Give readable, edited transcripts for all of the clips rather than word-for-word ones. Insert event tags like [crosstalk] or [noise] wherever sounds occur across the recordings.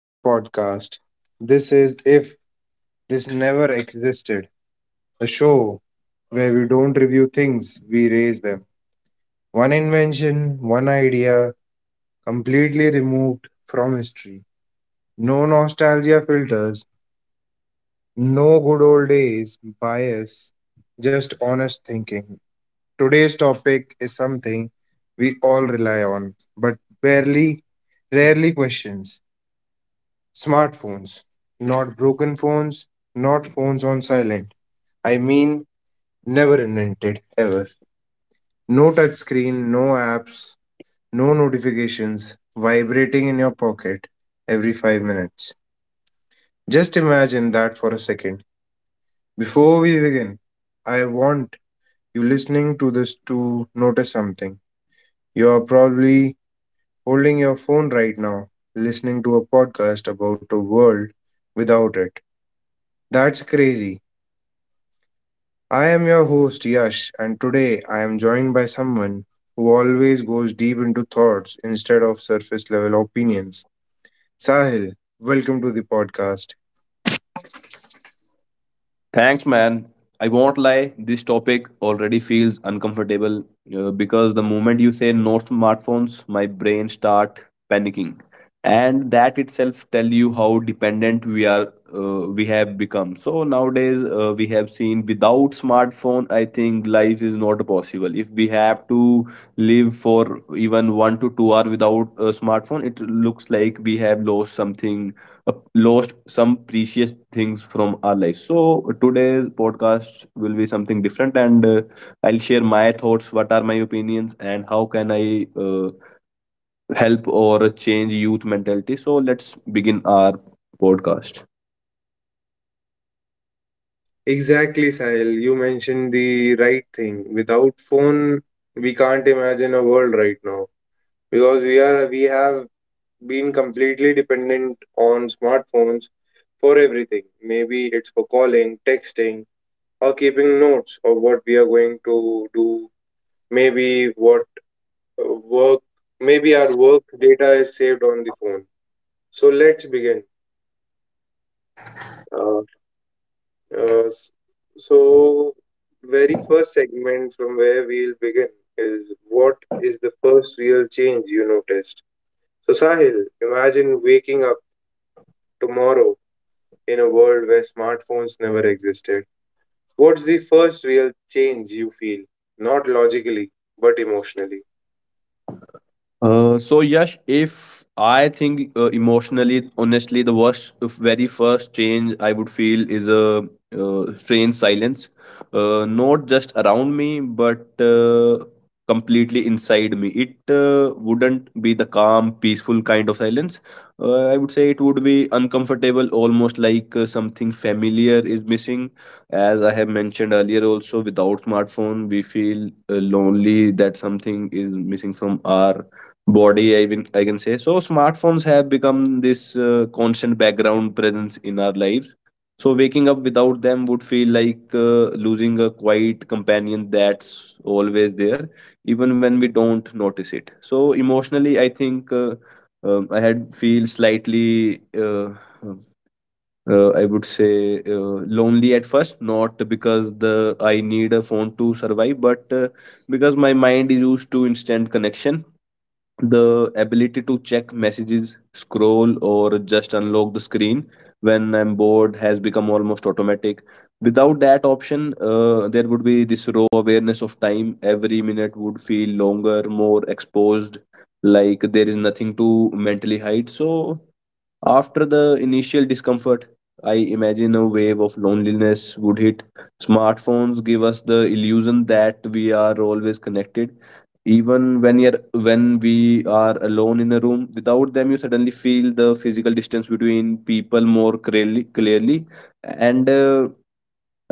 to the podcast. This is If This Never Existed, a show where we don't review things, we raise them. One invention, one idea, completely removed from history. No nostalgia filters, no good old days bias, just honest thinking. Today's topic is something we all rely on, but barely, rarely questions. Smartphones, not broken phones, not phones on silent. I mean, never invented, ever. No touchscreen, no apps, no notifications, vibrating in your pocket every 5 minutes. Just imagine that for a second. Before we begin, I want you listening to this to notice something. You are probably holding your phone right now, listening to a podcast about a world without it. That's crazy. I am your host, Yash, and today I am joined by someone who always goes deep into thoughts instead of surface level opinions. Sahil, welcome to the podcast. Thanks, man. I won't lie, this topic already feels uncomfortable because the moment you say no smartphones, my brain start panicking. And that itself tell you how dependent we have become. So nowadays we have seen without smartphone, I think life is not possible. If we have to live for even 1 to 2 hour without a smartphone, it looks like we have lost some precious things from our life. So today's podcast will be something different, and I'll share my thoughts, what are my opinions, and how can I help or change youth mentality. So let's begin our podcast. Exactly, Sahil. You mentioned the right thing. Without phone, we can't imagine a world right now because we have been completely dependent on smartphones for everything. Maybe it's for calling, texting, or keeping notes of what we are going to do. Maybe what work maybe our work data is saved on the phone. So let's begin. Uh, uh, s- so very first segment from where we'll begin is, what is the first real change you noticed? So Sahil, imagine waking up tomorrow in a world where smartphones never existed. What's the first real change you feel, not logically but emotionally? So Yash, if I think emotionally, honestly, the very first change I would feel is a strange silence, not just around me, but completely inside me. It wouldn't be the calm, peaceful kind of silence. I would say it would be uncomfortable, almost like something familiar is missing. As I have mentioned earlier, also without smartphone, we feel lonely. That something is missing from our body I can say. So smartphones have become this constant background presence in our lives, so waking up without them would feel like losing a quiet companion that's always there, even when we don't notice it. So emotionally I think I had feel slightly uh, I would say lonely at first, not because the I need a phone to survive, but because my mind is used to instant connection. The ability to check messages, scroll, or just unlock the screen when I'm bored has become almost automatic. Without that option, there would be this raw awareness of time. Every minute would feel longer, more exposed, like there is nothing to mentally hide. So, after the initial discomfort, I imagine a wave of loneliness would hit. Smartphones give us the illusion that we are always connected. Even when we are alone in a room, without them, you suddenly feel the physical distance between people more clearly. And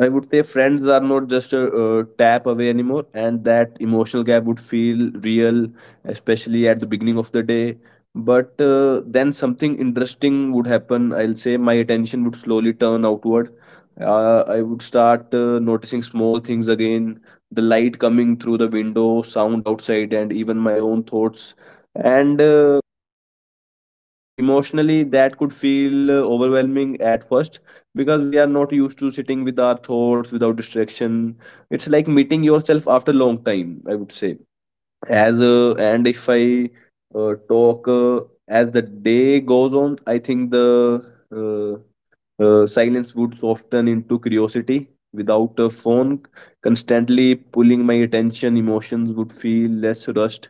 I would say friends are not just a tap away anymore, and that emotional gap would feel real, especially at the beginning of the day. But then something interesting would happen. I'll say my attention would slowly turn outward. I would start noticing small things again, the light coming through the window, sound outside, and even my own thoughts. And emotionally that could feel overwhelming at first, because we are not used to sitting with our thoughts without distraction. It's like meeting yourself after long time, I would say. As and if I talk as the day goes on, I think the uh, silence would soften into curiosity. Without a phone constantly pulling my attention, emotions would feel less rushed,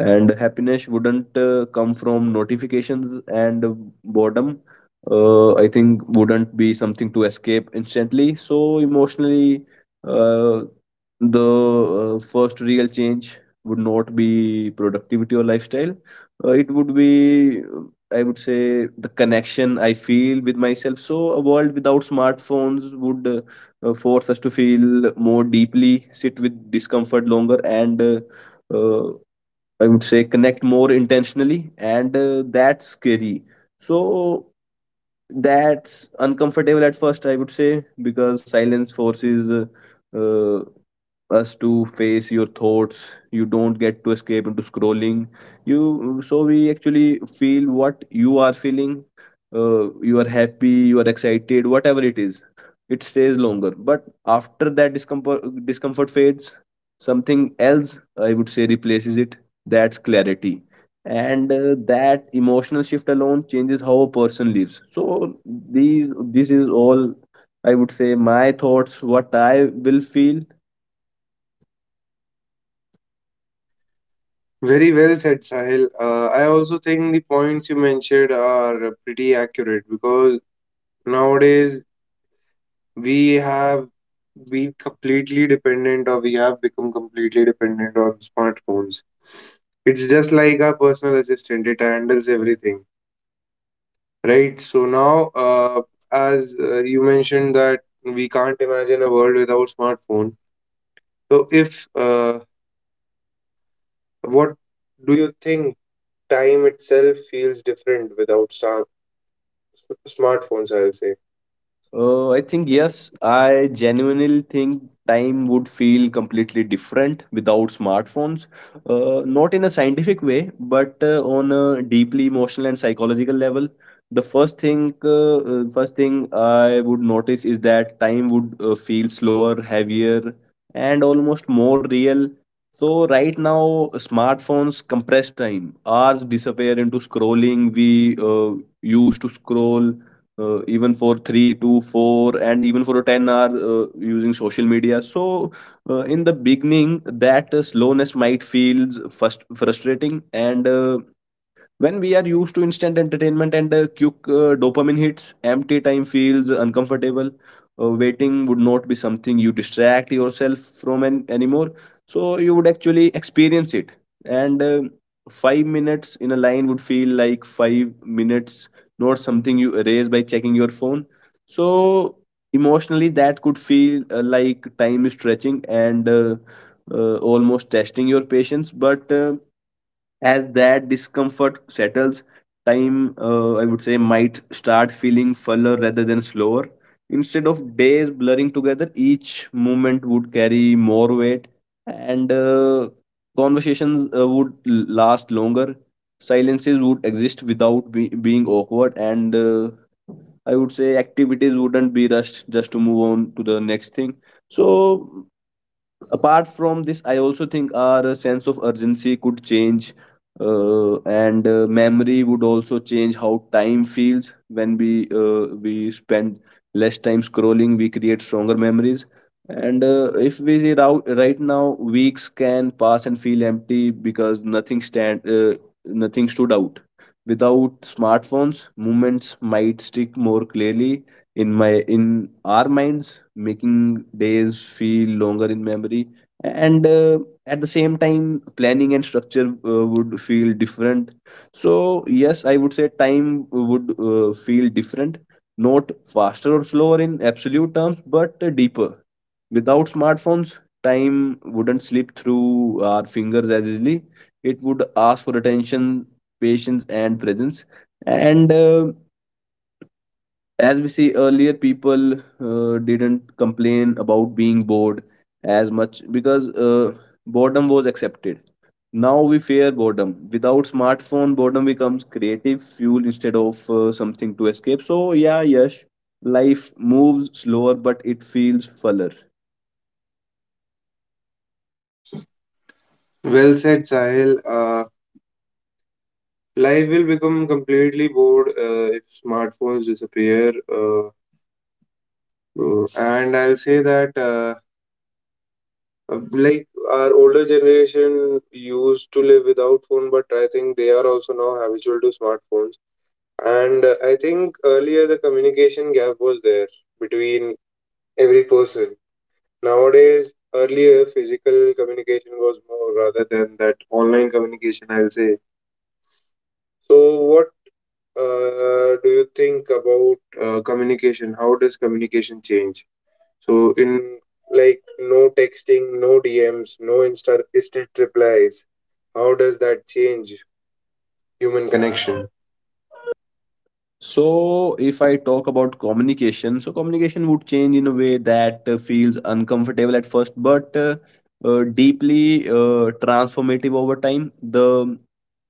and happiness wouldn't come from notifications, and boredom I think wouldn't be something to escape instantly. So emotionally, uh, the first real change would not be productivity or lifestyle. It would be I would say the connection I feel with myself. So a world without smartphones would force us to feel more deeply, sit with discomfort longer, and uh, I would say connect more intentionally, and that's scary. So that's uncomfortable at first, I would say, because silence forces uh, uh, us to face your thoughts. You don't get to escape into scrolling. You so we actually feel what you are feeling. You are happy, you are excited, whatever it is. It stays longer, but after that discomfort fades, something else I would say replaces it, that's clarity. And that emotional shift alone changes how a person lives. So these this is all, I would say, my thoughts, what I will feel. Very well said, Sahil. I also think the points you mentioned are pretty accurate because nowadays we have been completely dependent or we have become completely dependent on smartphones. It's just like our personal assistant, it handles everything, right? So now, as you mentioned that we can't imagine a world without smartphone. So if what do you think, time itself feels different without star smartphones, I'll say? I think yes. I genuinely think time would feel completely different without smartphones. Not in a scientific way, but on a deeply emotional and psychological level. The first thing I would notice is that time would feel slower, heavier, and almost more real. So right now, smartphones compress time. Hours disappear into scrolling. We used to scroll even for three to four and even for 10 hours using social media. So in the beginning that slowness might feel first frustrating, and when we are used to instant entertainment and quick dopamine hits, empty time feels uncomfortable. Waiting would not be something you distract yourself from anymore. So you would actually experience it. And 5 minutes in a line would feel like 5 minutes, not something you erase by checking your phone. So emotionally that could feel like time is stretching and almost testing your patience. But as that discomfort settles, time, I would say, might start feeling fuller rather than slower. Instead of days blurring together, each moment would carry more weight, and conversations would last longer. Silences would exist without being awkward, and I would say activities wouldn't be rushed just to move on to the next thing. So apart from this, I also think our sense of urgency could change, and memory would also change how time feels. When we spend less time scrolling, we create stronger memories. And if we re- rou- right now weeks can pass and feel empty because nothing stood out. Without smartphones, moments might stick more clearly in my in our minds, making days feel longer in memory. And at the same time, planning and structure would feel different. So yes, I would say time would feel different, not faster or slower in absolute terms, but deeper. Without smartphones, time wouldn't slip through our fingers as easily. It would ask for attention, patience and presence. And as we see earlier, people didn't complain about being bored as much, because boredom was accepted. Now we fear boredom. Without smartphone, boredom becomes creative fuel instead of something to escape. So yeah, yes, life moves slower, but it feels fuller. Well said, Sahil. Life will become completely bored if smartphones disappear. And I'll say that, like, our older generation used to live without phone, but I think they are also now habitual to smartphones. And I think earlier the communication gap was there between every person. Nowadays, earlier physical communication was more rather than that online communication, I'll say. So, what do you think about communication? How does communication change? So in, like, no texting, no DMs, no instant replies. How does that change human connection? So, if I talk about communication, so communication would change in a way that feels uncomfortable at first, but deeply transformative over time. The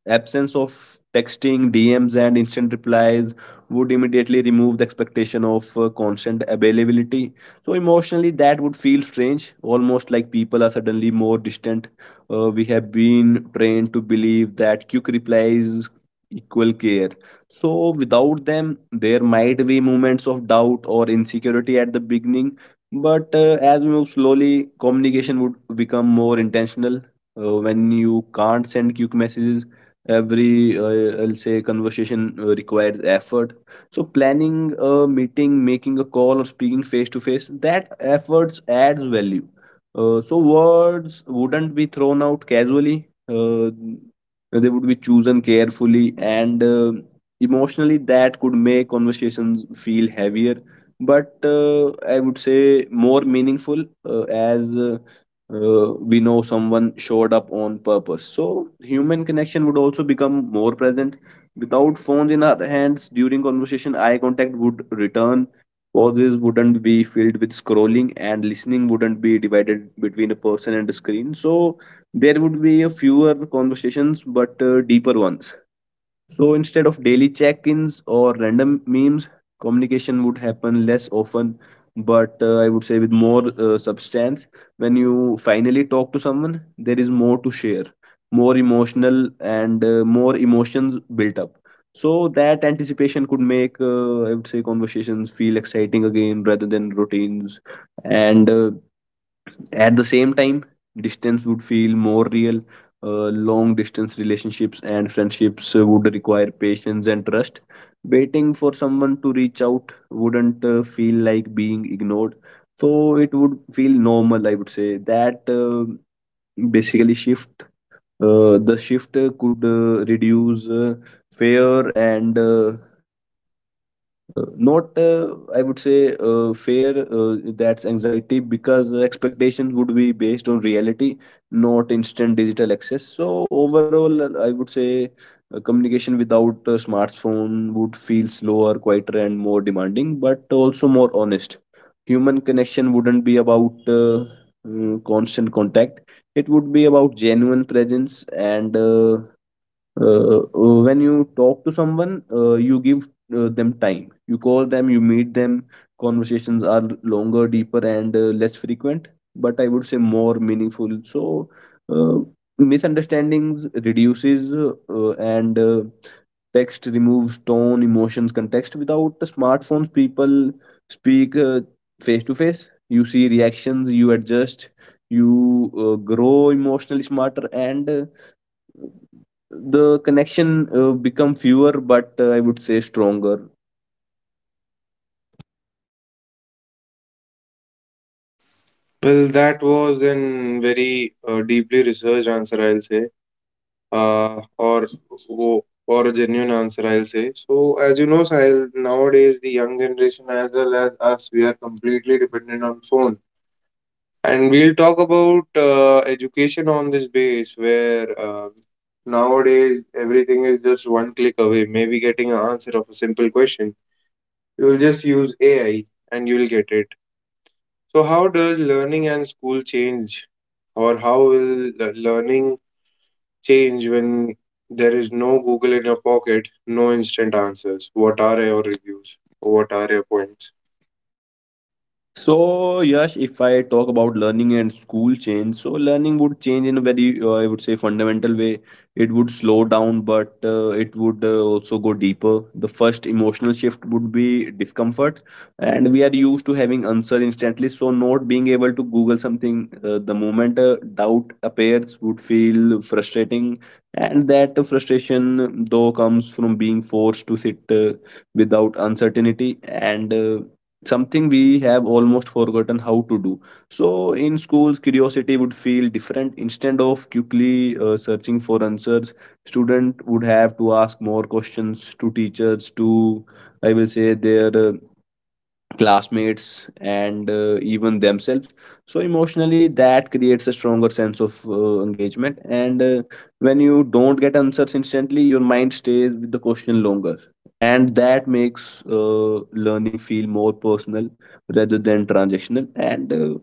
absence of texting, DMs, and instant replies would immediately remove the expectation of constant availability. So, emotionally, that would feel strange, almost like people are suddenly more distant. We have been trained to believe that quick replies equal care, so, without them, there might be moments of doubt or insecurity at the beginning. But as we move slowly, communication would become more intentional. When you can't send quick messages, every I'll say conversation requires effort. So, planning a meeting, making a call, or speaking face to face, that efforts adds value. So, words wouldn't be thrown out casually. They would be chosen carefully, and emotionally that could make conversations feel heavier, but I would say more meaningful, as we know someone showed up on purpose. So human connection would also become more present. Without phones in our hands during conversation, eye contact would return, pauses wouldn't be filled with scrolling, and listening wouldn't be divided between a person and a screen. So there would be a fewer conversations, but deeper ones. So instead of daily check ins or random memes, communication would happen less often, but I would say with more substance. When you finally talk to someone, there is more to share, more emotional, and more emotions built up. So that anticipation could make, I would say, conversations feel exciting again rather than routines. And at the same time, distance would feel more real. Long distance relationships and friendships would require patience and trust. Waiting for someone to reach out wouldn't feel like being ignored. So it would feel normal, I would say. That basically shift. The shift could reduce fear and not I would say fair that's anxiety, because the expectations would be based on reality, not instant digital access. So overall, I would say communication without a smartphone would feel slower, quieter, and more demanding, but also more honest. Human connection wouldn't be about constant contact. It would be about genuine presence. And uh, uh, when you talk to someone, you give them time, you call them, you meet them. Conversations are longer, deeper, and less frequent, but I would say more meaningful. So uh, misunderstandings reduces. And Text removes tone, emotions, context. Without the smartphones, people speak, face to face, you see reactions, you adjust, you grow emotionally smarter, and the connection become fewer but, I would say, stronger. Well, that was an very deeply researched answer, I'll say, uh, or or a genuine answer, I'll say. So as you know, Sahil, nowadays the young generation as well as us, we are completely dependent on phones. And we'll talk about education on this base where nowadays everything is just one click away, maybe getting an answer of a simple question. You will just use AI and you will get it. So, how does learning and school change, or how will le- learning change when there is no Google in your pocket, no instant answers? What are your reviews? What are your points? So yes, if I talk about learning and school change, so learning would change in a very, I would say, fundamental way. It would slow down, but it would also go deeper. The first emotional shift would be discomfort, and we are used to having answer instantly. So not being able to Google something the moment doubt appears would feel frustrating, and that frustration though comes from being forced to sit without uncertainty and, something we have almost forgotten how to do. So in schools, curiosity would feel different. Instead of quickly searching for answers, student would have to ask more questions, to teachers, to, I will say, their classmates, and even themselves. So emotionally, that creates a stronger sense of engagement, and when you don't get answers instantly, your mind stays with the question longer, and that makes learning feel more personal rather than transactional. and uh,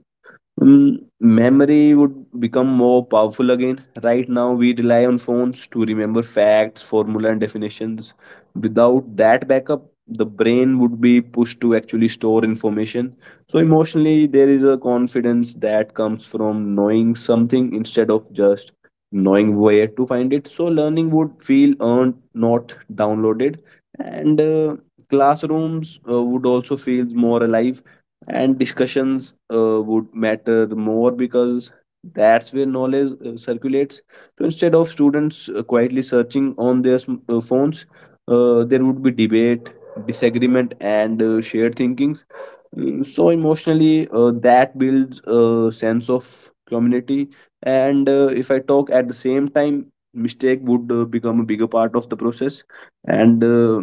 Mm, Memory would become more powerful again. Right now, we rely on phones to remember facts, formula, and definitions. Without that backup, the brain would be pushed to actually store information. So emotionally, there is a confidence that comes from knowing something, instead of just knowing where to find it. So learning would feel earned, not downloaded. And Classrooms would also feel more alive, and discussions would matter more, because that's where knowledge circulates. So instead of students quietly searching on their phones, there would be debate, disagreement, and shared thinkings. So emotionally, that builds a sense of community. And if I talk, at the same time, mistake would become a bigger part of the process, and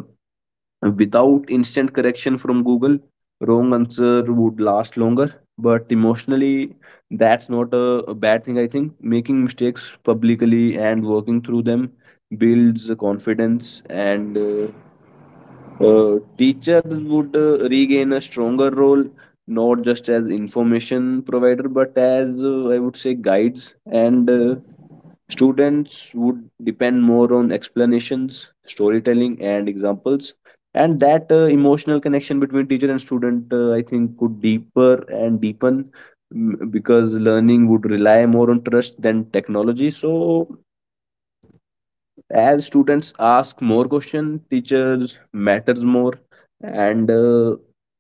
without instant correction from Google, wrong answer would last longer. But emotionally, that's not a bad thing, I think. Making mistakes publicly and working through them builds confidence, and teachers would regain a stronger role, not just as information provider, but as, I would say, guides. And Students would depend more on explanations, storytelling, and examples. And that emotional connection between teacher and student, I think, could deeper and deepen, because learning would rely more on trust than technology. So, as students ask more questions, teachers matters more, and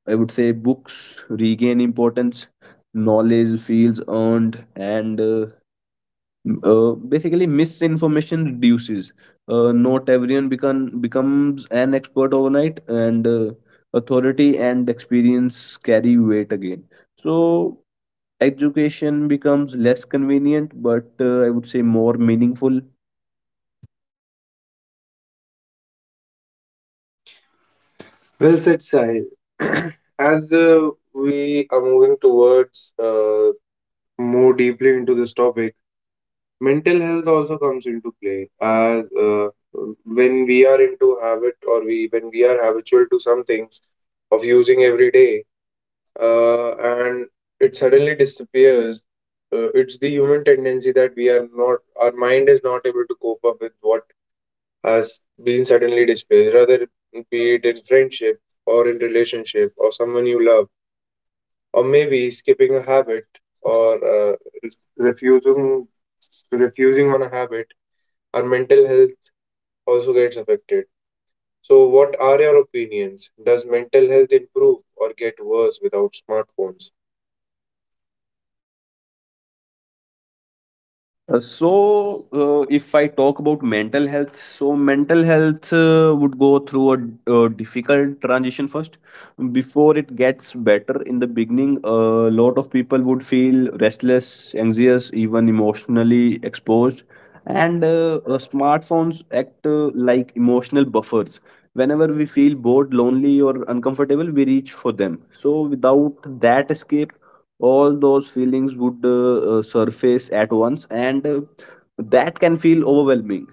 I would say books regain importance. Knowledge feels earned, and basically misinformation reduces. Not everyone becomes an expert overnight, and authority and experience carry weight again. So education becomes less convenient but, I would say, more meaningful. Well said, Sahil. [coughs] [clears throat] As we are moving towards more deeply into this topic, mental health also comes into play as when we are into habit or we when we are habitual to something of using every day and it suddenly disappears. It's the human tendency that we are not our mind is not able to cope up with what has been suddenly displaced, rather be it in friendship or in relationship or someone you love or maybe skipping a habit or refusing refusing on a habit. Our mental health also gets affected. So, what are your opinions? Does mental health improve or get worse without smartphones? If I talk about mental health, so mental health would go through a difficult transition first. Before it gets better, in the beginning, a lot of people would feel restless, anxious, even emotionally exposed. And Smartphones act like emotional buffers. Whenever we feel bored, lonely, or uncomfortable, we reach for them. So without that escape, all those feelings would surface at once, and that can feel overwhelming,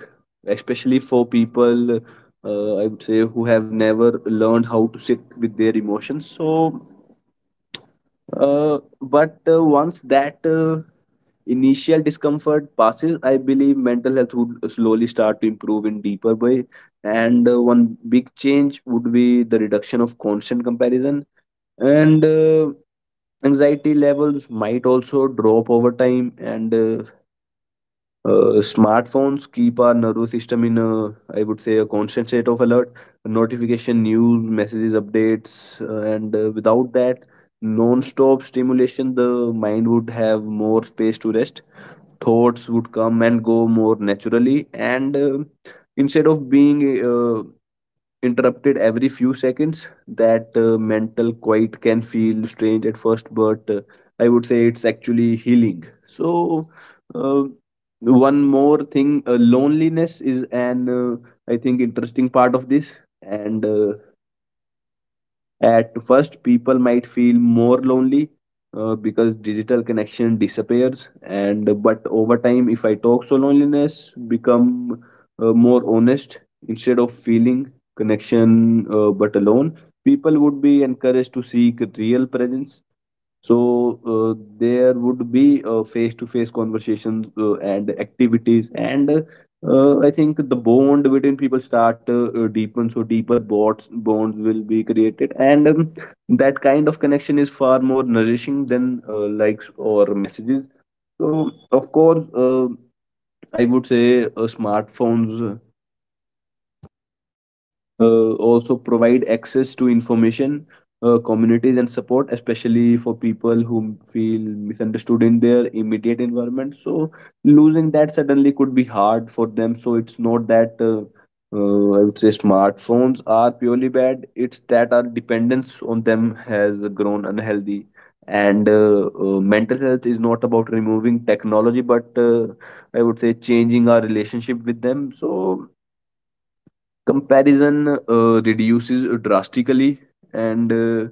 especially for people, I would say, who have never learned how to sit with their emotions. But once that initial discomfort passes, I believe mental health would slowly start to improve in deeper way. And One big change would be the reduction of constant comparison, and anxiety levels might also drop over time. And Smartphones keep our nervous system in a, I would say, a constant state of alert: notification, news, messages, updates. And Without that non-stop stimulation, the mind would have more space to rest. Thoughts would come and go more naturally, and instead of being interrupted every few seconds. That mental quiet can feel strange at first, but I would say it's actually healing. So, uh, one more thing: loneliness is an, I think, interesting part of this. And At first, people might feel more lonely, because digital connection disappears, and but over time, if I talk, so loneliness become more honest, instead of feeling connection but alone. People would be encouraged to seek real presence. So there would be face to face conversations and activities, and I think the bond between people start deepen, so deeper bonds will be created, and that kind of connection is far more nourishing than likes or messages. So, of course, I would say smartphones also provide access to information, communities, and support, especially for people who feel misunderstood in their immediate environment. So losing that suddenly could be hard for them. So it's not that, I would say, smartphones are purely bad; it's that our dependence on them has grown unhealthy. And mental health is not about removing technology, but, I would say, changing our relationship with them. So comparison reduces drastically, and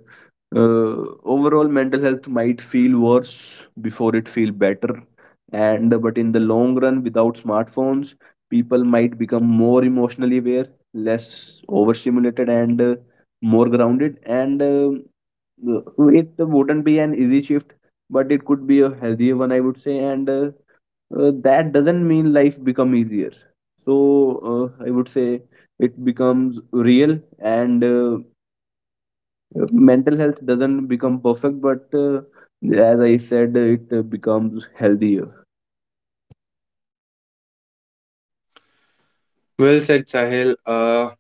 uh, overall mental health might feel worse before it feel better, and but in the long run, without smartphones, people might become more emotionally aware, less overstimulated, and more grounded, and it wouldn't be an easy shift, but it could be a healthier one, I would say. And that doesn't mean life become easier. so I would say it becomes real, and mental health doesn't become perfect but, as I said, it becomes healthier. Well said, Sahil. Uh,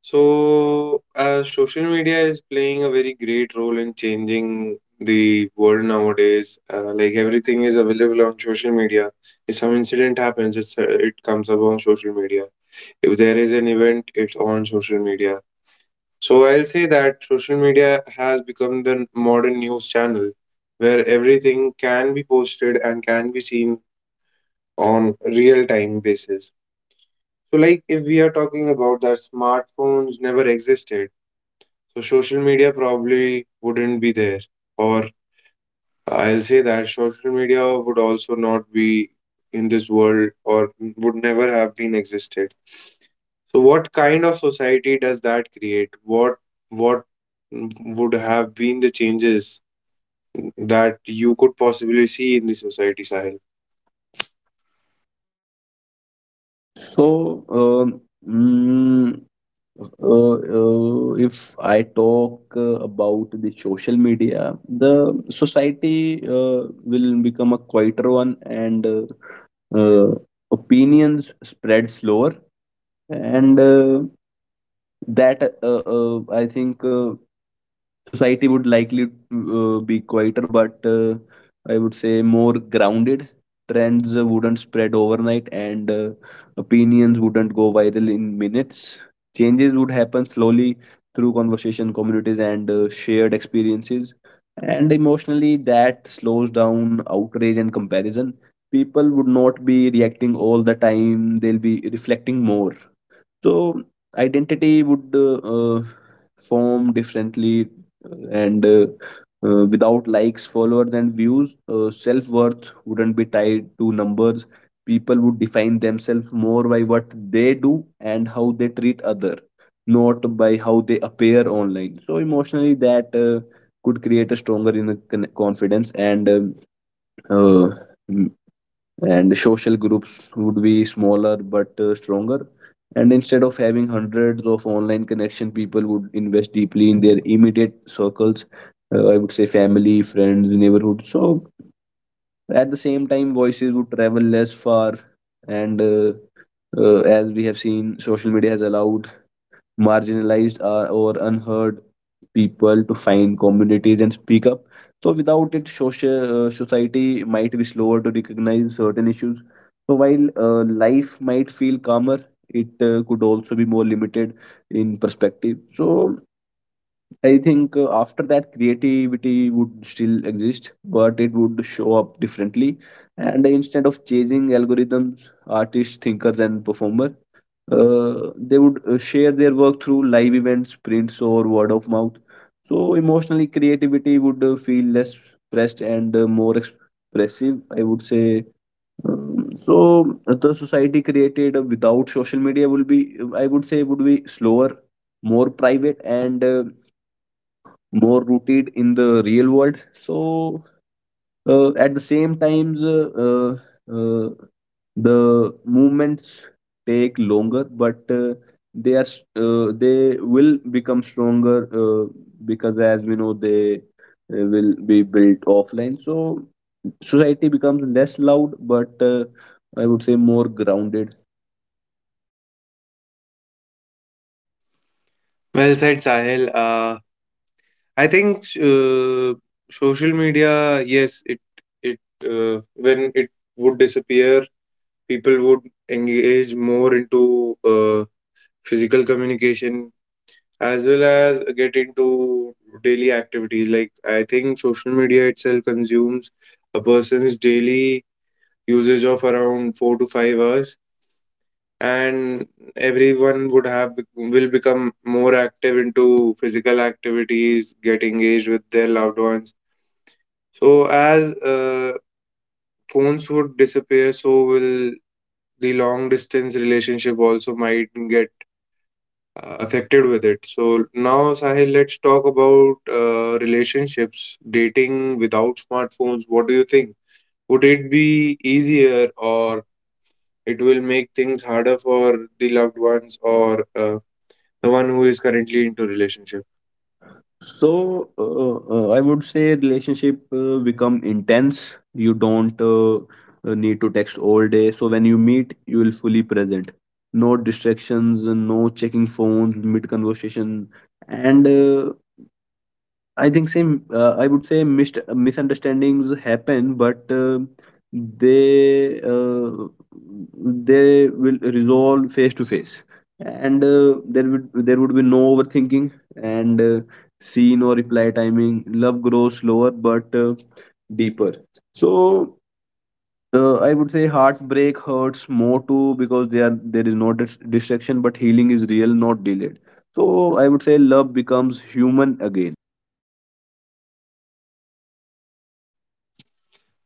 so, uh, social media is playing a very great role in changing the world nowadays. Like, everything is available on social media. If some incident happens, it comes up on social media. If there is an event, it's on social media. So I'll say that social media has become the modern news channel where everything can be posted and can be seen on real time basis. So like if we are talking about that smartphones never existed, so social media probably wouldn't be there, or I'll say that social media would also not be in this world or would never have been existed. So what kind of society does that create? What would have been the changes that you could possibly see in the society, Sahil? so um, mm, if I talk about the social media, the society will become a quieter one, and uh, opinions spread slower. And That I think society would likely be quieter, but, I would say, more grounded. Trends wouldn't spread overnight, and opinions wouldn't go viral in minutes. Changes would happen slowly, through conversation, communities, and shared experiences. And emotionally, that slows down outrage and comparison. People would not be reacting all the time, they'll be reflecting more. So identity would form differently, and without likes, followers, and views, self worth wouldn't be tied to numbers. People would define themselves more by what they do and how they treat other, not by how they appear online. So emotionally, that could create a stronger inner confidence, and um, uh, and social groups would be smaller but stronger. And instead of having hundreds of online connection, people would invest deeply in their immediate circles: I would say family, friends, neighborhood. So at the same time, voices would travel less far, and as we have seen, social media has allowed marginalized or unheard people to find communities and speak up. So without it, social society might be slower to recognize certain issues. So while life might feel calmer, it could also be more limited in perspective. So I think after that, creativity would still exist, but it would show up differently. And instead of chasing algorithms, artists, thinkers, and performers they would share their work through live events, prints, or word of mouth. So emotionally, creativity would feel less pressed and, more expressive, I would say. So the society created without social media will be, I would say, would be slower, more private, and more rooted in the real world. So, at the same times, the movements take longer, but they are they will become stronger, because as we know, they will be built offline. So society becomes less loud, but, I would say, more grounded. Well said, Sahil. I think social media, yes, it when it would disappear, people would engage more into uh, physical communication as well as get into daily activities. Like, I think social media itself consumes a person's daily usage of around 4 to 5 hours, and everyone would have will become more active into physical activities, get engaged with their loved ones. So as phones would disappear, so will the long distance relationship also might get affected with it. So now, Sahil, let's talk about relationships, dating without smartphones. What do you think? Would it be easier, or it will make things harder for the loved ones or the one who is currently into relationship? I would say relationship become intense. You don't need to text all day. So when you meet, you will fully present. No distractions, no checking phones mid conversation, and I think same. I would say misunderstandings happen, but they uh, they will resolve face to face, and there would be no overthinking, and see, no reply timing. Love grows slower, but deeper. So I would say heartbreak hurts more too, because there is no distraction, but healing is real, not delayed. So I would say love becomes human again.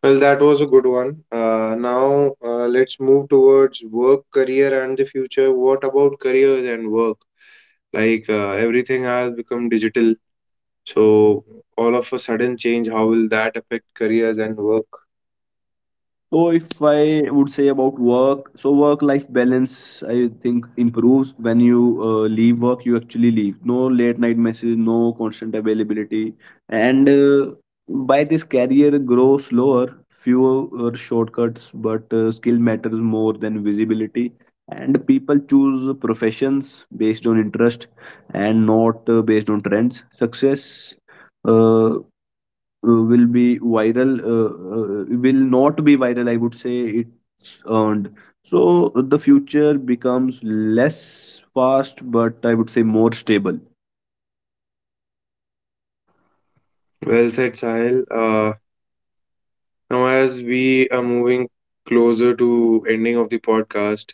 Well, that was a good one. Now let's move towards work, career, and the future. What about careers and work? Like, everything has become digital. So all of a sudden change, how will that affect careers and work? So if I would say about work, so work-life balance, I think, improves. When you leave work, you actually leave. No late night messages, no constant availability, and by this, career grow slower, fewer shortcuts, but skill matters more than visibility. And people choose professions based on interest, and not based on trends. Success, Uh, will be viral will not be viral, I would say. It's earned. So the future becomes less fast, but, I would say, more stable. Well said, Sahil. Now, as we are moving closer to ending of the podcast,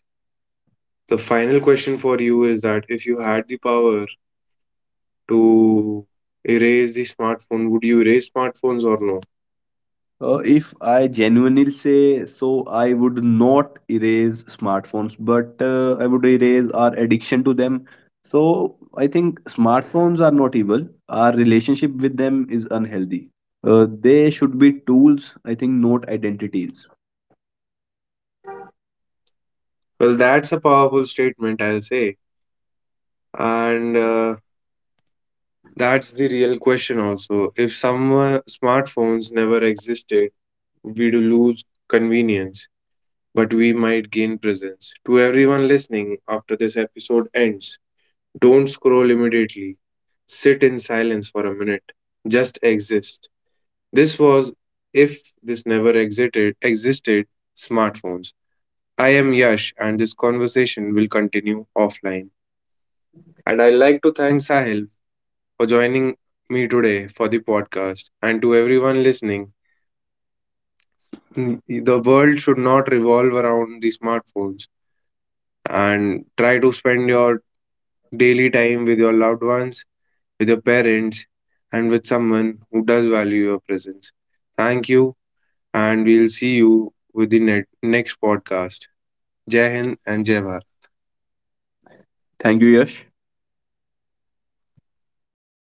the final question for you is that if you had the power to erase the smartphone, would you erase smartphones or no? If I genuinely say, so I would not erase smartphones, but I would erase our addiction to them. So I think smartphones are not evil, our relationship with them is unhealthy. They should be tools, I think, not identities. Well, that's a powerful statement, I'll say. And that's the real question also. If some smartphones never existed, we'd lose convenience, but we might gain presence. To everyone listening, after this episode ends, don't scroll immediately. Sit in silence for a minute. Just exist. This was, if this never existed, smartphones. I am Yash, and this conversation will continue offline. And I'd like to thank Sahil for joining me today for the podcast. And to everyone listening, the world should not revolve around the smartphones, and try to spend your daily time with your loved ones, with your parents, and with someone who does value your presence. Thank you, and we'll see you with the next podcast. Jai Hind and Jai Bharat. Thank you, Yash.